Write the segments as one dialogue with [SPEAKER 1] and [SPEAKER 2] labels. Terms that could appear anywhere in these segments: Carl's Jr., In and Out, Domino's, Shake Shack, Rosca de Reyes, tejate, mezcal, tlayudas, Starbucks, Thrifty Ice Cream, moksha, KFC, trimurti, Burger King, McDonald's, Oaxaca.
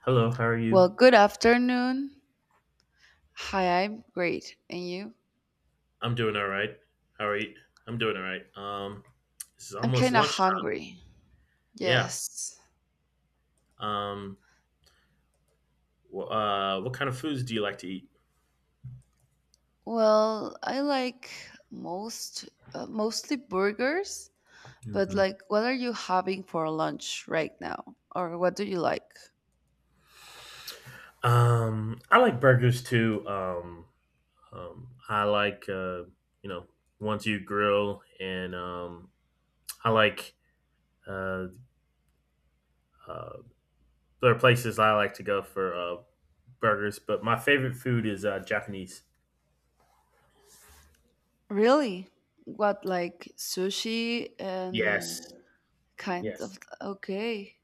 [SPEAKER 1] Hello, how are
[SPEAKER 2] Well,
[SPEAKER 1] you?
[SPEAKER 2] good afternoon. Hi, I'm great. And you?
[SPEAKER 1] I'm doing all right. How are you? I'm doing all right. This is
[SPEAKER 2] I'm
[SPEAKER 1] almost
[SPEAKER 2] kind of
[SPEAKER 1] lunchtime.
[SPEAKER 2] hungry.
[SPEAKER 1] Yeah.
[SPEAKER 2] Yes.
[SPEAKER 1] Um, what kind of foods do you like to eat?
[SPEAKER 2] Well, I like most mostly burgers, but
[SPEAKER 1] Hmm.
[SPEAKER 2] like what are you having for lunch right now? Or what do you like?
[SPEAKER 1] I like burgers too. I like you know, ones you grill, and I like uh, uh, there are places I like to go for burgers, but my favorite food is Japanese.
[SPEAKER 2] Really? What, like sushi and
[SPEAKER 1] Yes.
[SPEAKER 2] kind
[SPEAKER 1] Yes.
[SPEAKER 2] of, okay.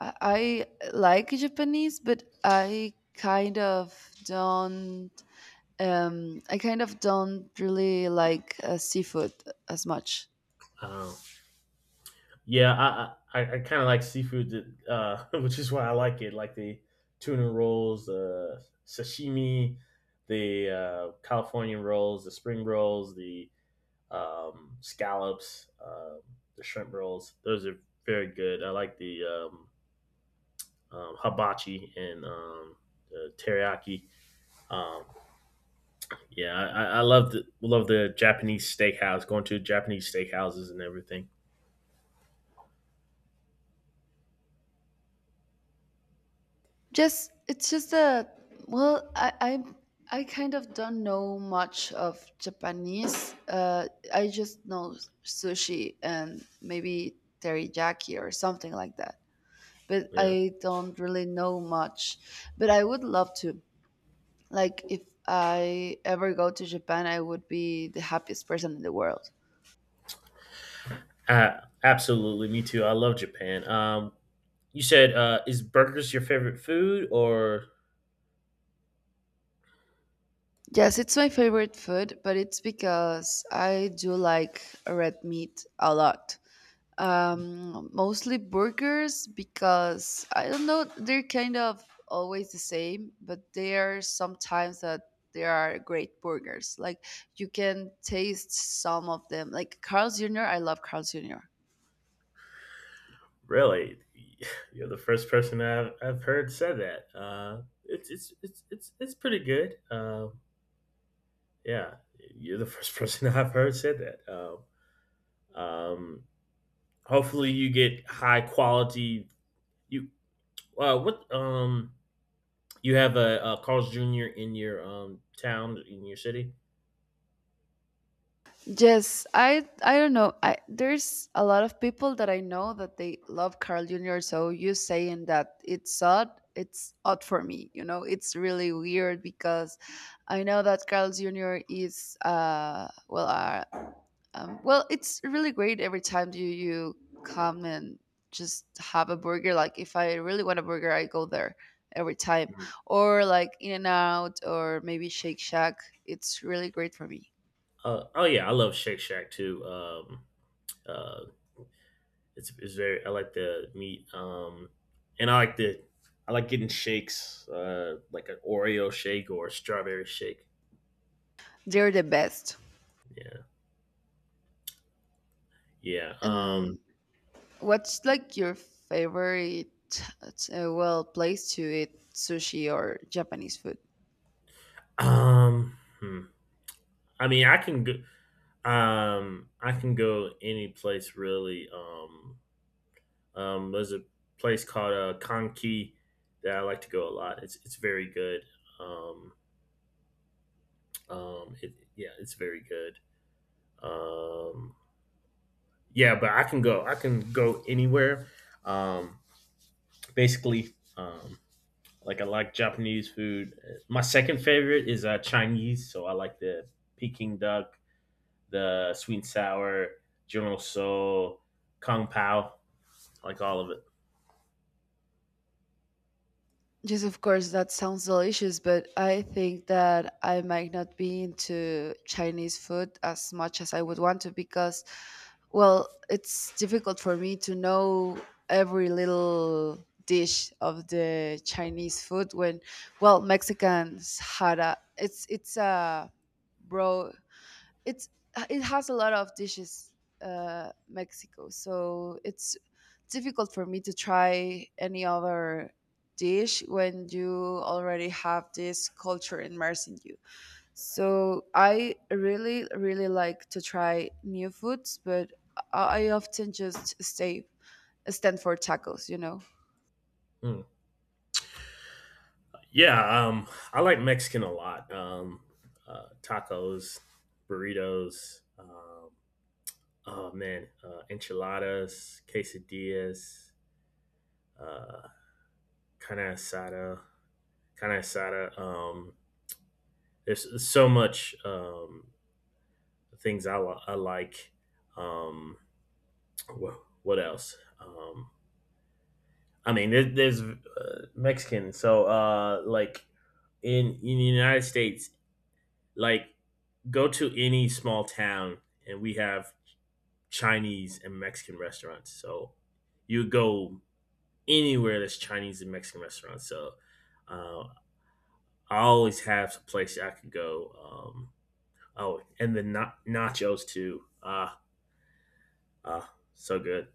[SPEAKER 2] I like Japanese, but I kind of don't. I kind of don't really like seafood as much.
[SPEAKER 1] Um, Yeah, I kind of like seafood, which is why I like it. Like the tuna rolls, the sashimi, the California rolls, the spring rolls, the scallops, the shrimp rolls. Those are very good. I like the hibachi and the teriyaki. Um, yeah, I I love the Japanese steakhouse. Going to Japanese steakhouses and everything.
[SPEAKER 2] Just it's just a Well, I kind of don't know much of Japanese. I just know sushi and maybe teriyaki or something like that, but
[SPEAKER 1] Yeah.
[SPEAKER 2] I don't really know much. But I would love to, like if I ever go to Japan, I would be the happiest person in the world.
[SPEAKER 1] Absolutely, me too. I love Japan. You said is burgers your favorite food, or
[SPEAKER 2] Yes, it's my favorite food, but it's because I do like red meat a lot. Mostly burgers, because I don't know, they're kind of always the same, but there are sometimes that there are great burgers. Like, you can taste some of them. Like Carl's Jr., I love Carl's Jr.
[SPEAKER 1] really? You're the first person I've heard said that. It's pretty good. Yeah, you're the first person I've heard said that. Um, Hopefully, you get high quality. You uh, what um you have a Carl's Jr. in your town in your city.
[SPEAKER 2] Yes, I don't know. I There's a lot of people that I know that they love Carl Jr., so you saying that it's odd for me. You know, it's really weird because I know that Carl Jr. is well, well, it's really great every time you come and just have a burger. Like, if I really want a burger, I go there every time.
[SPEAKER 1] Mhm.
[SPEAKER 2] Or like In and Out, or maybe Shake Shack. It's really great for me.
[SPEAKER 1] Oh yeah, I love Shake Shack too. Uh, it's very I like the meat, and I like the I like getting shakes, like an Oreo shake or a strawberry shake.
[SPEAKER 2] They're the best.
[SPEAKER 1] Yeah, yeah.
[SPEAKER 2] And what's like your favorite, well, place to eat sushi or Japanese food?
[SPEAKER 1] Hmm. I mean, I can go. I can go any place really. There's a place called Conky that I like to go a lot. It's very good. Um, yeah, it's very good. Um, Yeah, but I can go. I can go anywhere. Um, Basically, like I like Japanese food. My second favorite is Chinese, so I like the Peking duck, the sweet and sour, General So, Kung Pao. Like all of it.
[SPEAKER 2] Yes, of course, that sounds delicious, but I think that I might not be into Chinese food as much as I would want to, because, well, it's difficult for me to know every little dish of the Chinese food when, well, Mexicans had a, it's a, bro it's it has a lot of dishes Mexico, so it's difficult for me to try any other dish when you already have this culture immersed in you. So I really, really like to try new foods, but I often just stay stand for tacos, you know.
[SPEAKER 1] Mm. Yeah, I like Mexican a lot. Tacos, burritos. Oh man, enchiladas, quesadillas, uh, carne asada. Kind of excited. There's so much things I like. Um, wh- what else? I mean, there's Mexican. So, like in the United States, like go to any small town, and we have Chinese and Mexican restaurants. So, you go anywhere that's Chinese and Mexican restaurants. So, uh, I always have a place I could go. Oh, and the na- nachos too. Ah, ah, so good.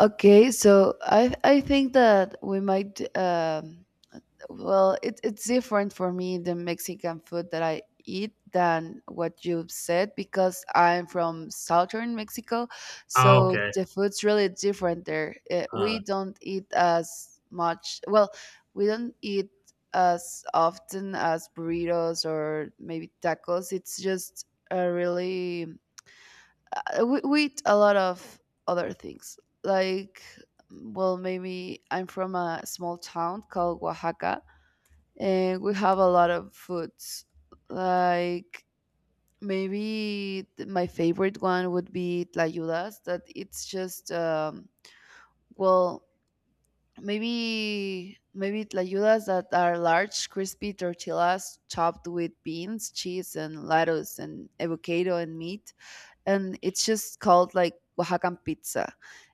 [SPEAKER 2] Okay, so I think that we might. Well, it, it's different for me, the Mexican food that I eat than what you've said, because I'm from southern Mexico,
[SPEAKER 1] Oh,
[SPEAKER 2] so
[SPEAKER 1] okay.
[SPEAKER 2] the food's really different there. Eh,
[SPEAKER 1] Uh,
[SPEAKER 2] we don't eat as much. Well, we don't eat as often as burritos or maybe tacos. It's just a really, we eat a lot of other things, like, well, maybe I'm from a small town called Oaxaca, and we have a lot of foods, like maybe my favorite one would be tlayudas, that it's just well, maybe tlayudas, that are large crispy tortillas chopped with beans, cheese, and lettuce, and avocado and meat, and it's just called like Oaxacan pizza.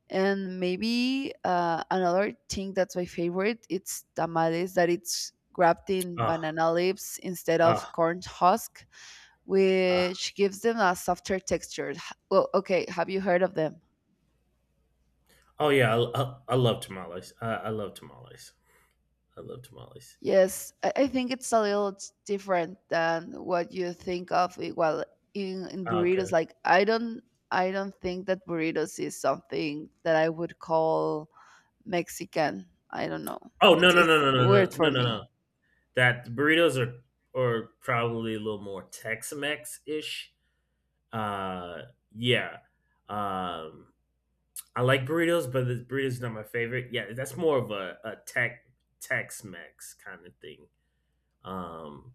[SPEAKER 2] And maybe another thing that's my favorite, it's tamales, that it's wrapped in
[SPEAKER 1] ah,
[SPEAKER 2] banana leaves instead of
[SPEAKER 1] ah,
[SPEAKER 2] corn husk,
[SPEAKER 1] ah.
[SPEAKER 2] which gives them a softer texture. Well, okay, have you heard of them?
[SPEAKER 1] Oh yeah, I love tamales. I love tamales. I love tamales.
[SPEAKER 2] Yes, I think it's a little different than what you think of it, well, in
[SPEAKER 1] Ah,
[SPEAKER 2] burritos.
[SPEAKER 1] okay.
[SPEAKER 2] Like, I don't, I don't think that burritos is something that I would call Mexican. I don't know.
[SPEAKER 1] Oh no
[SPEAKER 2] It's
[SPEAKER 1] no no
[SPEAKER 2] it's
[SPEAKER 1] no no
[SPEAKER 2] weird
[SPEAKER 1] no
[SPEAKER 2] for
[SPEAKER 1] no no
[SPEAKER 2] me.
[SPEAKER 1] no. That burritos are probably a little more Tex-Mex ish. Uh, yeah. Um, I like burritos, but the burritos not my favorite. Yeah, that's more of a Tex Tex-Mex kind of thing. Um,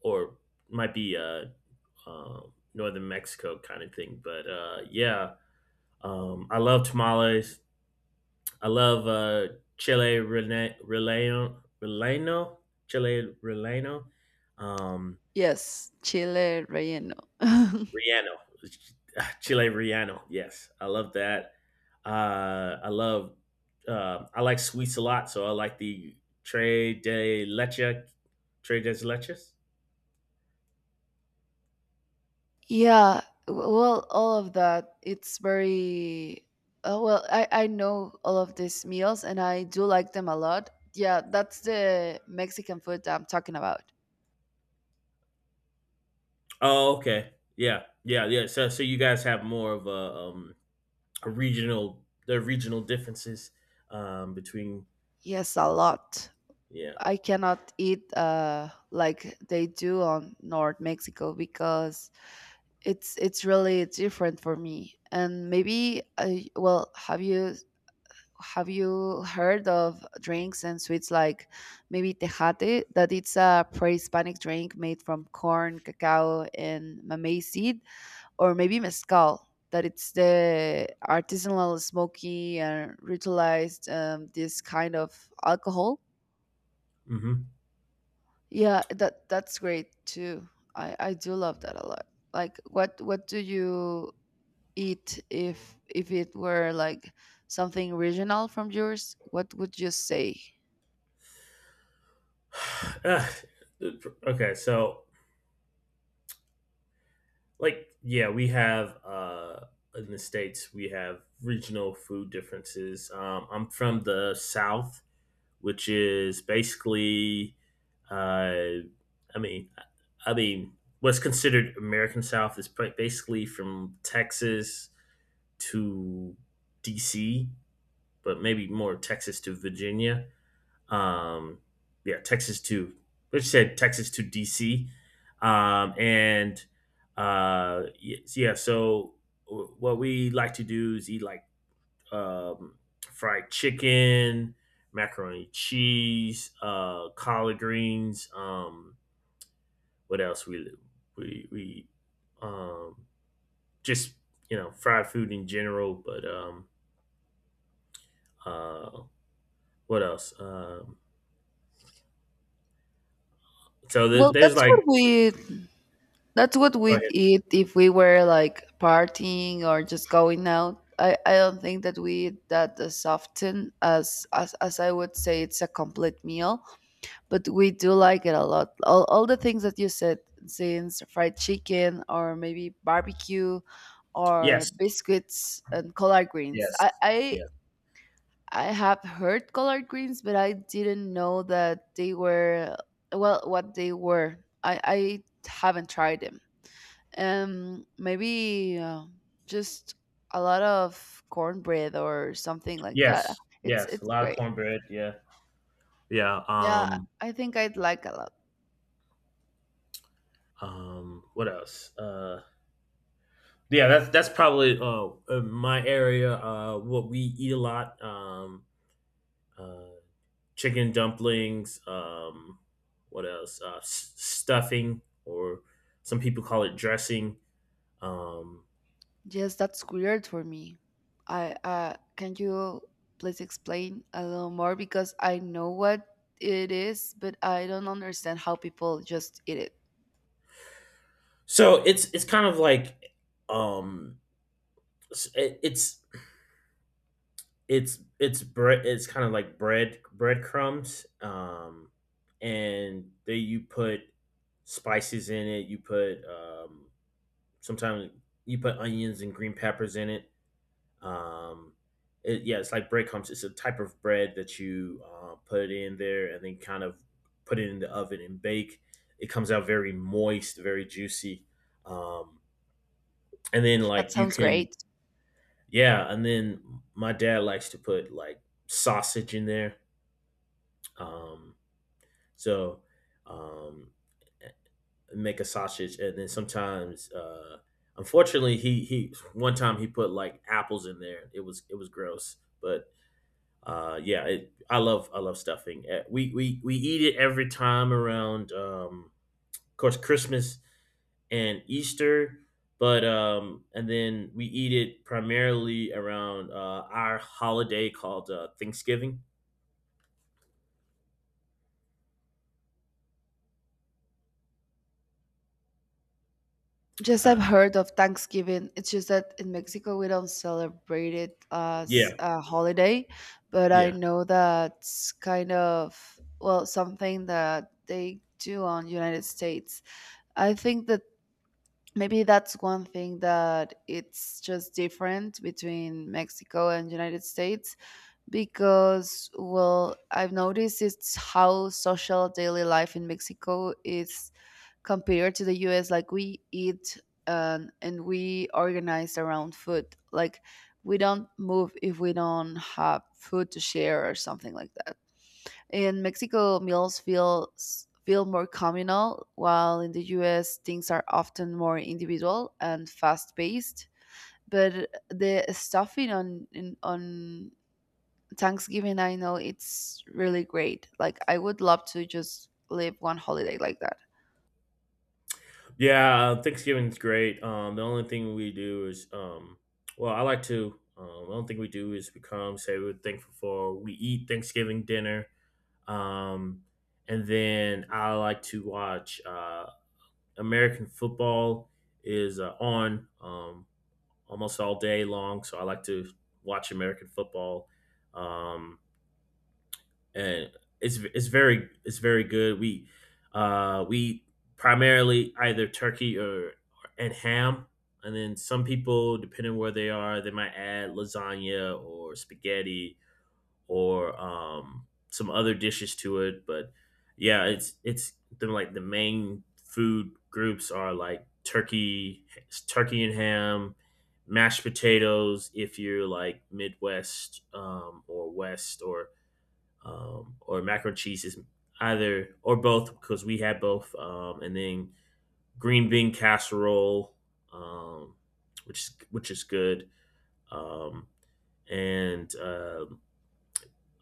[SPEAKER 1] or might be a uh, northern Mexico kind of thing. But yeah, I love tamales. I love chile rene- relleno relleno chile relleno, um,
[SPEAKER 2] Yes, chile relleno.
[SPEAKER 1] riano, chile riano. Yes, I love that. I love. I like sweets a lot, so I like the Trey de leche, Trey de leches.
[SPEAKER 2] Yeah, well, all of that. It's very, oh, well. I know all of these meals, and I do like them a lot. Yeah, that's the Mexican food that I'm talking about.
[SPEAKER 1] Oh, okay. Yeah, yeah, yeah. So, so you guys have more of a regional, the regional differences between,
[SPEAKER 2] Yes, a
[SPEAKER 1] uh,
[SPEAKER 2] lot.
[SPEAKER 1] yeah.
[SPEAKER 2] I cannot eat like they do on North Mexico, because it's really different for me. And maybe I, well, have you, have you heard of drinks and sweets, like maybe tejate, that it's a pre-hispanic drink made from corn, cacao, and mamey seed, or maybe mezcal, that it's the artisanal smoky and ritualized, this kind of alcohol.
[SPEAKER 1] Hmm.
[SPEAKER 2] Yeah, that that's great too. I do love that a lot. Like, what do you eat, if it were like something regional from yours, what would you say?
[SPEAKER 1] Ah, okay, so like, yeah, we have in the states we have regional food differences. I'm from the South, which is basically, uh, I mean, I mean, what's considered American South is basically from Texas to DC, but maybe more Texas to Virginia. Um, yeah, Texas to DC, and yes, yeah, so. What we like to do is eat like um, fried chicken, macaroni and cheese, collard greens. What else we um, just You know fried food in general. But uh, what else?
[SPEAKER 2] Well,
[SPEAKER 1] There's
[SPEAKER 2] that's
[SPEAKER 1] like
[SPEAKER 2] what we, that's what
[SPEAKER 1] go
[SPEAKER 2] we'd
[SPEAKER 1] ahead.
[SPEAKER 2] eat if we were like partying or just going out. I don't think that we eat that as often as, as I would say it's a complete meal, but we do like it a lot. All the things that you said, since fried chicken or maybe barbecue or
[SPEAKER 1] Yes,
[SPEAKER 2] biscuits and collard greens.
[SPEAKER 1] yes, yes,
[SPEAKER 2] I have heard collard greens, but I didn't know that they were, well, what they were. I haven't tried them. Maybe just a lot of cornbread or something like that.
[SPEAKER 1] yes,
[SPEAKER 2] It's
[SPEAKER 1] yes. A
[SPEAKER 2] it's
[SPEAKER 1] lot of
[SPEAKER 2] great.
[SPEAKER 1] cornbread. Yeah, yeah.
[SPEAKER 2] Yeah, I think I'd like a lot.
[SPEAKER 1] What else? Yeah, that's probably my area. What we eat a lot: uh, chicken dumplings. What else? Stuffing, or some people call it dressing. Um,
[SPEAKER 2] Yes, that's weird for me. I, can you please explain a little more, because I know what it is, but I don't understand how people just eat it.
[SPEAKER 1] so it's kind of like um, s- it- it's it's bread. It's kind of like breadcrumbs, and they you put spices in it. You put sometimes you put onions and green peppers in it. Um, it yeah, it's like breadcrumbs. It's a type of bread that you put it in there and then kind of put it in the oven and bake. It comes out very moist, very juicy. Um, and then
[SPEAKER 2] That
[SPEAKER 1] like you
[SPEAKER 2] sounds
[SPEAKER 1] can
[SPEAKER 2] great.
[SPEAKER 1] yeah, and then my dad likes to put like sausage in there. Um, so um, Make a sausage, and then sometimes, unfortunately, he one time he put like apples in there. It was gross, but yeah, it, I love stuffing. We we eat it every time around, of course, Christmas and Easter, but and then we eat it primarily around our holiday called Thanksgiving.
[SPEAKER 2] Just I've
[SPEAKER 1] Uh,
[SPEAKER 2] heard of Thanksgiving. It's just that in Mexico we don't celebrate it
[SPEAKER 1] yeah,
[SPEAKER 2] as a holiday, but I
[SPEAKER 1] yeah.
[SPEAKER 2] know that's kind of, well, something that they do on United States. I think that maybe that's one thing that it's just different between Mexico and United States, because, well, I've noticed it's how social daily life in Mexico is compared to the US. Like, we eat, and we organize around food, like we don't move if we don't have food to share or something like that. In Mexico, meals feel, feel more communal, while in the US things are often more individual and fast paced. But the stuffing on, on Thanksgiving, I know it's really great. Like, I would love to just live one holiday like that.
[SPEAKER 1] Yeah, Thanksgiving's great. The only thing we do is, well, I like to. The only thing we do is we come, say we're thankful for, we eat Thanksgiving dinner, um, and then I like to watch American football is on almost all day long, so I like to watch American football. Um, and It's very it's very good. We primarily either turkey or and ham, and then some people depending where they are, they might add lasagna or spaghetti or some other dishes to it. But yeah, it's the like the main food groups are like turkey, turkey and ham, mashed potatoes if you're like Midwest or West or mac and cheese is either or both because we had both, and then green bean casserole, um, which is good, um, and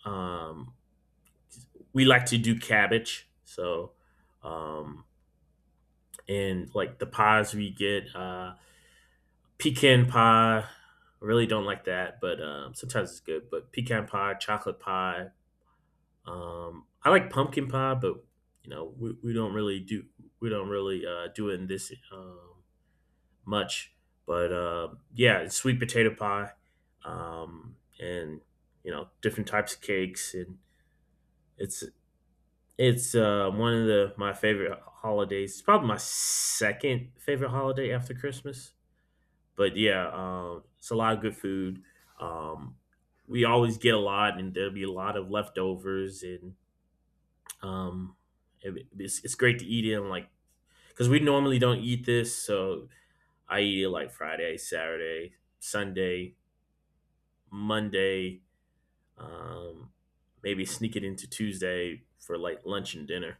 [SPEAKER 1] um, we like to do cabbage. So, um, and like the pies we get, pecan pie. I really don't like that, but sometimes it's good. But pecan pie, chocolate pie, um, I like pumpkin pie, but you know we don't really do we don't really do it in this much. But yeah, it's sweet potato pie, and you know different types of cakes, and it's it's one of the my favorite holidays. It's probably my second favorite holiday after Christmas. But yeah, it's a lot of good food. Um, we always get a lot, and there'll be a lot of leftovers and Um, it's great to eat it I'm like because we normally don't eat this, so I eat it like Friday, Saturday, Sunday, Monday. Um, Maybe sneak it into Tuesday for like lunch and dinner.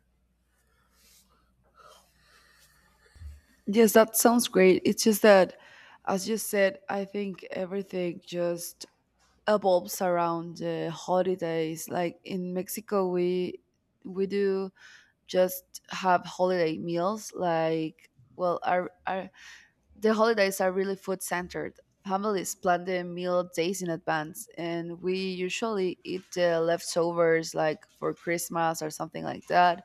[SPEAKER 2] Yes, that sounds great. It's just that, as you said, I think everything just evolves around the holidays. Like in Mexico, we do just have holiday meals. Like, well, our our. The holidays are really food centered. Families plan the meal days in advance, and we usually eat the leftovers, like for Christmas or something like that.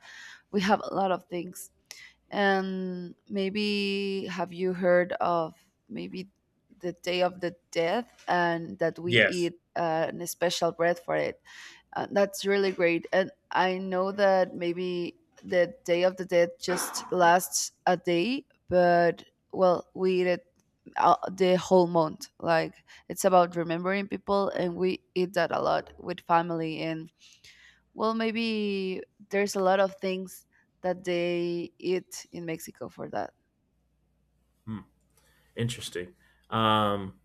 [SPEAKER 2] We have a lot of things. And maybe, have you heard of, maybe, the Day of the Death, and that we
[SPEAKER 1] Yes.
[SPEAKER 2] eat an special bread for it? That's really great. And I know that maybe the Day of the Dead just lasts a day, but, well, we eat it the whole month. Like, it's about remembering people, and we eat that a lot with family. And, well, maybe there's a lot of things that they eat in Mexico for that.
[SPEAKER 1] Hmm, interesting. Um,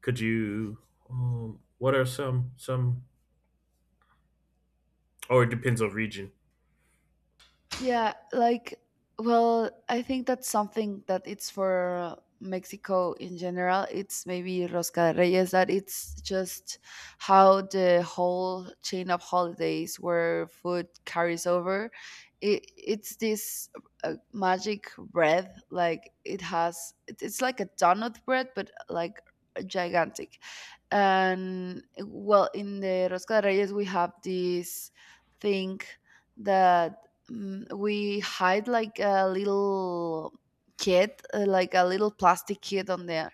[SPEAKER 1] could you? What are some some? Or it depends on region.
[SPEAKER 2] Yeah, like, well, I think that's something that it's for Mexico in general. It's maybe Rosca de Reyes, that it's just how the whole chain of holidays where food carries over. It, it's this magic bread, like, it has, it's like a donut bread, but like gigantic. And, well, in the Rosca de Reyes, we have this thing that, mm, we hide like a little kit, like a little plastic kit on there.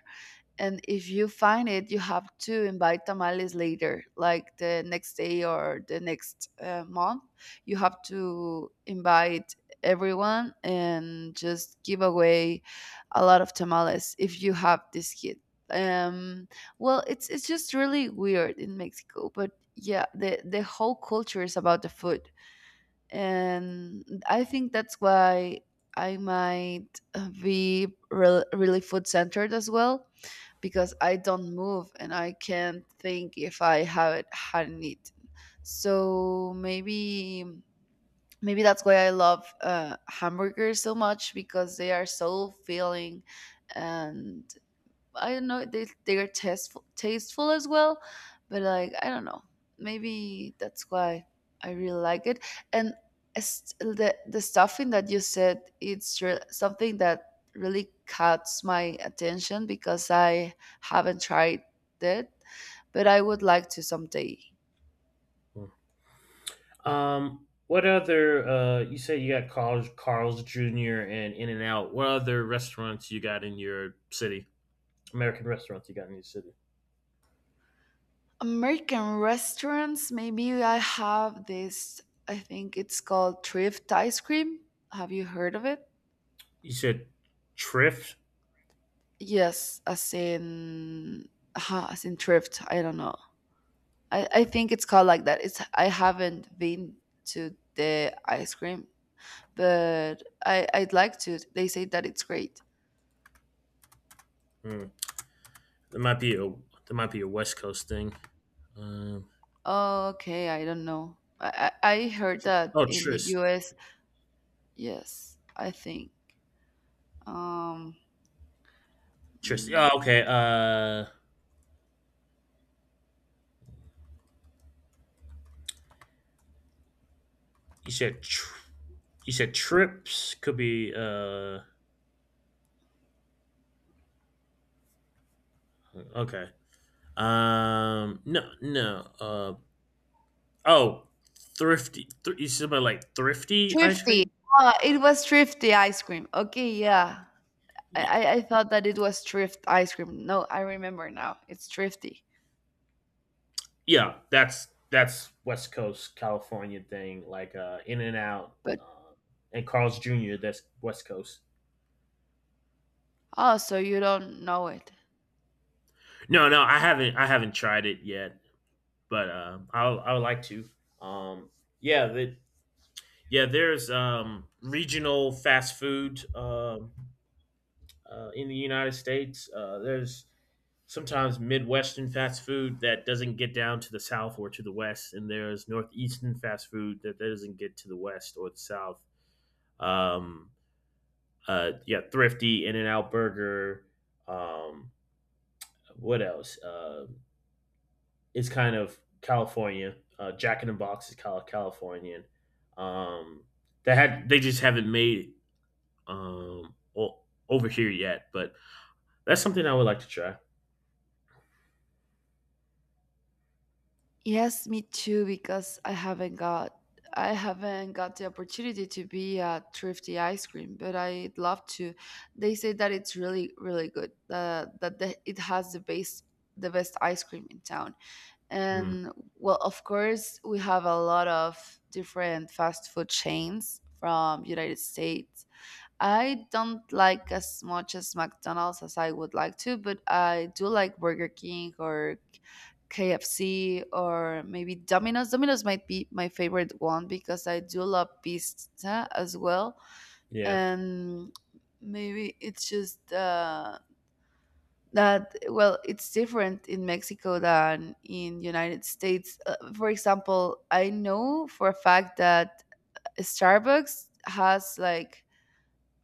[SPEAKER 2] And if you find it, you have to invite tamales later, like the next day or the next month. You have to invite everyone and just give away a lot of tamales if you have this kit. Um, well, it's just really weird in Mexico, but yeah, the whole culture is about the food, and I think that's why I might really food centered as well, because I don't move and I can't think if I haven't hadn't eaten. So maybe, maybe that's why I love hamburgers so much, because they are so filling, and I don't know. They are tasteful, tasteful as well, but, like, I don't know. Maybe that's why I really like it. And the stuffing that you said, it's something that really caught my attention because I haven't tried it, but I would like to someday.
[SPEAKER 1] Hmm. What other? You say you got Carl's Jr. and In and Out. What other restaurants you got in your city? American restaurants you got in your city?
[SPEAKER 2] American restaurants, maybe I have this. I think it's called Thrift Ice Cream. Have you heard of it?
[SPEAKER 1] You said Triff.
[SPEAKER 2] Yes, as in, as in thrift. I don't know. I think it's called like that. It's, I haven't been to the ice cream, but I I'd like to. They say that it's great.
[SPEAKER 1] Hmm. That might be a that might be a West Coast thing. Um,
[SPEAKER 2] Okay, I don't know. I heard that
[SPEAKER 1] oh,
[SPEAKER 2] in the
[SPEAKER 1] Tris,
[SPEAKER 2] U.S. Yes, I think. Um,
[SPEAKER 1] Tris. Oh,
[SPEAKER 2] mm,
[SPEAKER 1] okay. You said tr- you said trips could be. Okay. No, no. Oh, thrifty. Thr- you said about like thrifty ice
[SPEAKER 2] thrifty.
[SPEAKER 1] cream.
[SPEAKER 2] Ah, it was thrifty ice cream. Okay, yeah.
[SPEAKER 1] Y-
[SPEAKER 2] I thought that it was thrift ice cream. No, I remember now. It's thrifty.
[SPEAKER 1] yeah, that's West Coast California thing, like In and Out,
[SPEAKER 2] But.
[SPEAKER 1] and Carl's Jr. That's West Coast.
[SPEAKER 2] Oh, so you don't know it.
[SPEAKER 1] No, no, I haven't tried it yet, but I'll, I would like to. Um, yeah, yeah, there's regional fast food in the United States. There's sometimes Midwestern fast food that doesn't get down to the South or to the West, and there's Northeastern fast food that doesn't get to the West or the South. Um, yeah, thrifty In and Out Burger. Um, what else? It's kind of California. Jack in the Box is Cal- Californian. Um, they had they just haven't made it um o- over here yet, but that's something I would like to try.
[SPEAKER 2] Yes, me too, because I haven't got, I haven't got the opportunity to be at Thrifty Ice Cream, but I'd love to. They say that it's really, really good. That the, it has the best, the best ice cream in town.
[SPEAKER 1] Mm,
[SPEAKER 2] And well, of course, we have a lot of different fast food chains from United States. I don't like as much as McDonald's as I would like to, but I do like Burger King or KFC or maybe Domino's. Domino's might be my favorite one because I do love pizza as well.
[SPEAKER 1] yeah.
[SPEAKER 2] And maybe it's just that well, it's different in Mexico than in United States. For example, I know for a fact that Starbucks has like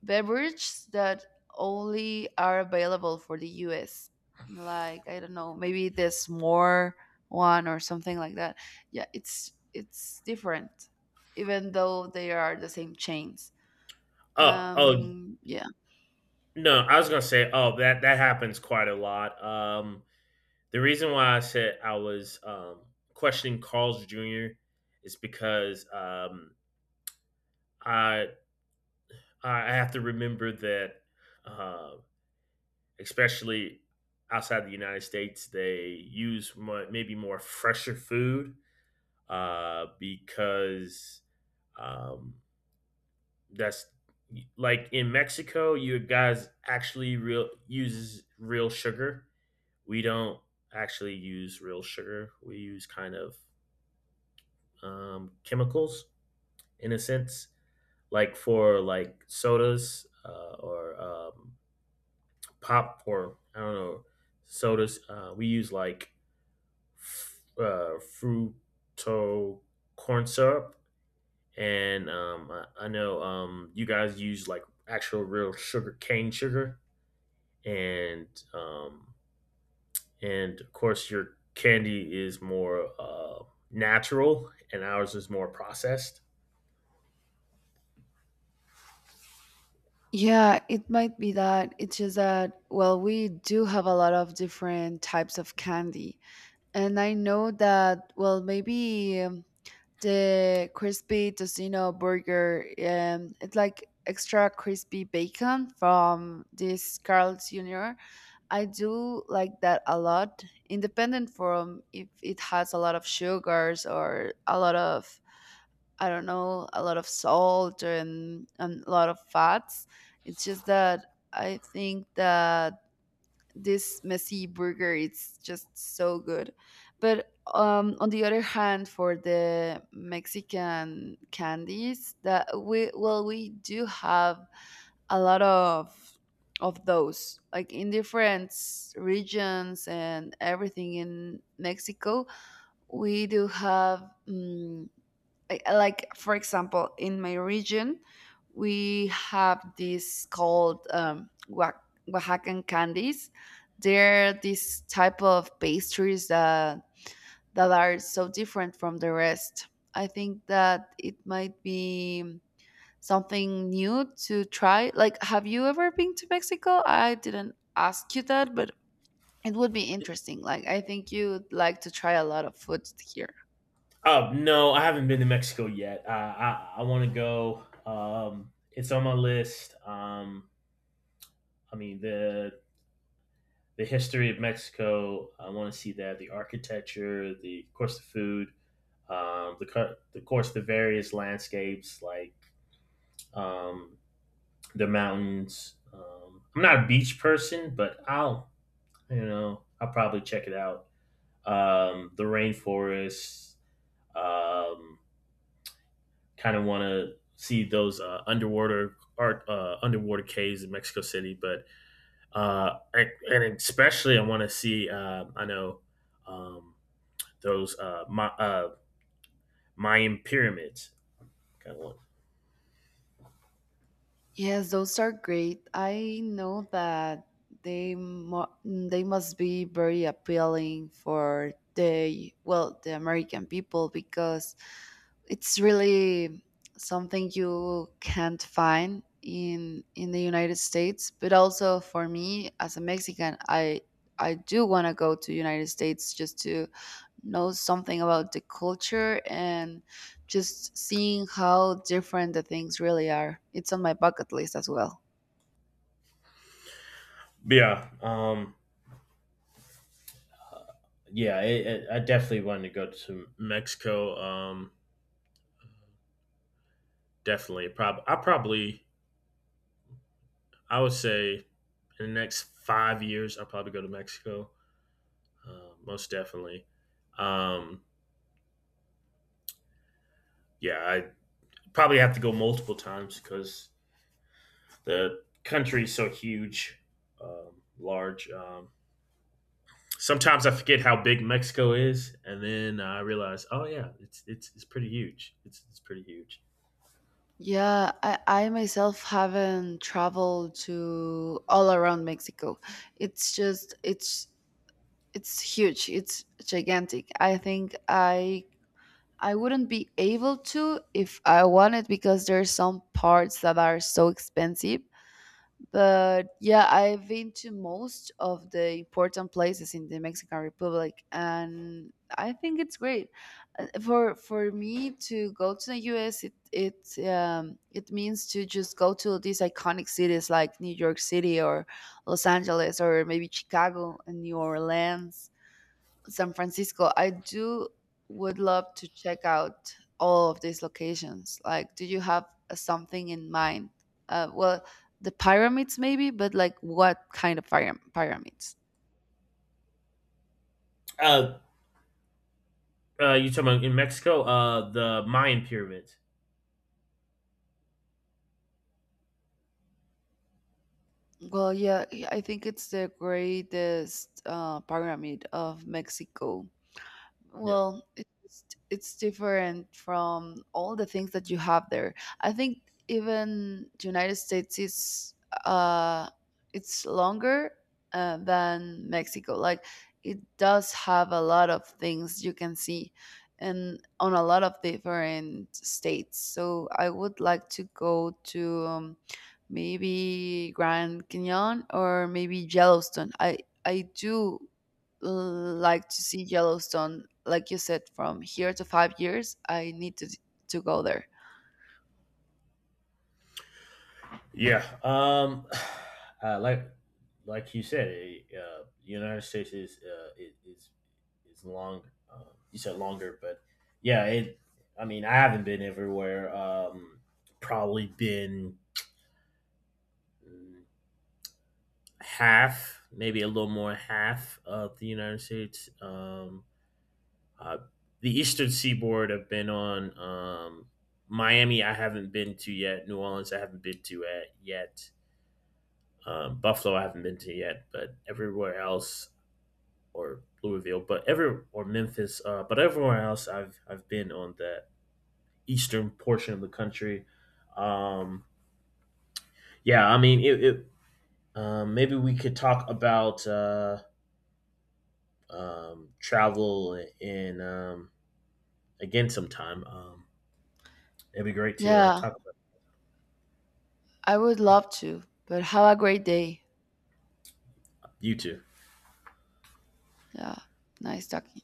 [SPEAKER 2] beverages that only are available for the US. Like I don't know, maybe this more one or something like that. Yeah, it's different, even though they are the same chains.
[SPEAKER 1] Oh, oh
[SPEAKER 2] Yeah,
[SPEAKER 1] no, I was gonna say, oh that that happens quite a lot. The reason why I said I was questioning Carl's Jr. is because I I have to remember that, uh, especially outside the United States, they use more, maybe more fresher food because um, that's like in Mexico, you guys actually real uses real sugar. We don't actually use real sugar. We use kind of chemicals in a sense, like for like sodas or pop or I don't know sodas. We use like f- Fructo corn syrup, and I know you guys use like actual real sugar cane sugar, and um, and of course your candy is more natural, and ours is more processed.
[SPEAKER 2] yeah, it might be that. It's just that well, we do have a lot of different types of candy, and I know that well, maybe, the crispy tocino burger. It's like extra crispy bacon from this Carl's Jr. I do like that a lot, independent from if it has a lot of sugars or a lot of, I don't know, a lot of salt and a lot of fats. It's just that I think that this messy burger it's just so good. But on the other hand, for the mexican candies, that we, well, we do have a lot of those, like in different regions and everything in Mexico. We do have I like, for example, in my region, we have this called oaxacan candies. They're this type of pastries that that are so different from the rest. I think that it might be something new to try. Like, have you ever been to Mexico? I didn't ask you that, but it would be interesting. Like, I think you'd like to try a lot of food here.
[SPEAKER 1] Oh no, I haven't been to Mexico yet. I want to go. It's on my list. I mean the the history of Mexico. I want to see that the architecture, the of course the food, um, the the course the various landscapes like um, the mountains. I'm not a beach person, but I'll you know I'll probably check it out. The rainforests. Um, Kind of want to see those underwater art underwater caves in Mexico City, but I, and especially I want to see. I know. Um, those uh, Ma- uh, Mayan pyramids kind of one.
[SPEAKER 2] Yes, those are great. I know that they they must be very appealing for the, well, the American people, because it's really something you can't find in the United States. But also for me as a Mexican, I do want to go to United States just to know something about the culture and just seeing how different the things really are. It's on my bucket list as well.
[SPEAKER 1] But yeah, yeah, I definitely wanted to go to Mexico. I probably, I would say, in the next 5 years, I'll probably go to Mexico. Most definitely. Um, yeah, I probably have to go multiple times because the country is so huge, large. Sometimes I forget how big Mexico is, and then I realize, oh yeah, it's pretty huge. It's pretty huge.
[SPEAKER 2] Yeah, I myself haven't traveled to all around Mexico. It's just it's huge, it's gigantic. I think I wouldn't be able to if I wanted, because there's some parts that are so expensive. But yeah, I've been to most of the important places in the mexican republic, and I think it's great. For me to go to the US, it it means to just go to these iconic cities like New York City or Los Angeles, or maybe Chicago and New Orleans, San Francisco. I do would love to check out all of these locations. Like, do you have something in mind? Well, the pyramids maybe, but like what kind of pyramids?
[SPEAKER 1] Uh, you talking about in Mexico? The Mayan pyramids.
[SPEAKER 2] Well, yeah, I think it's the greatest pyramid of Mexico.
[SPEAKER 1] Yeah,
[SPEAKER 2] Well, it's different from all the things that you have there. I think even United States is uh it's longer than Mexico. Like, it does have a lot of things you can see and on a lot of different states. So I would like to go to maybe Grand Canyon or maybe Yellowstone. I do like to see Yellowstone, like you said, from here to 5 years. I need to go there.
[SPEAKER 1] yeah. Uh, like like you said, eh, the United States is is long. Uh, you said longer, but yeah, it. I mean, I haven't been everywhere. Probably been half, maybe a little more half of the United States. Uh, the Eastern Seaboard have been on. Miami, I haven't been to yet. New Orleans, I haven't been to at yet. Buffalo, I haven't been to yet. But everywhere else, or Louisville, but every or Memphis, but everywhere else, I've been on that eastern portion of the country. Um, yeah, I mean, it maybe we could talk about. Travel and again sometime. It'd be great to
[SPEAKER 2] Yeah,
[SPEAKER 1] talk about
[SPEAKER 2] I would love to. But have a great day.
[SPEAKER 1] you two.
[SPEAKER 2] Yeah, nice talking.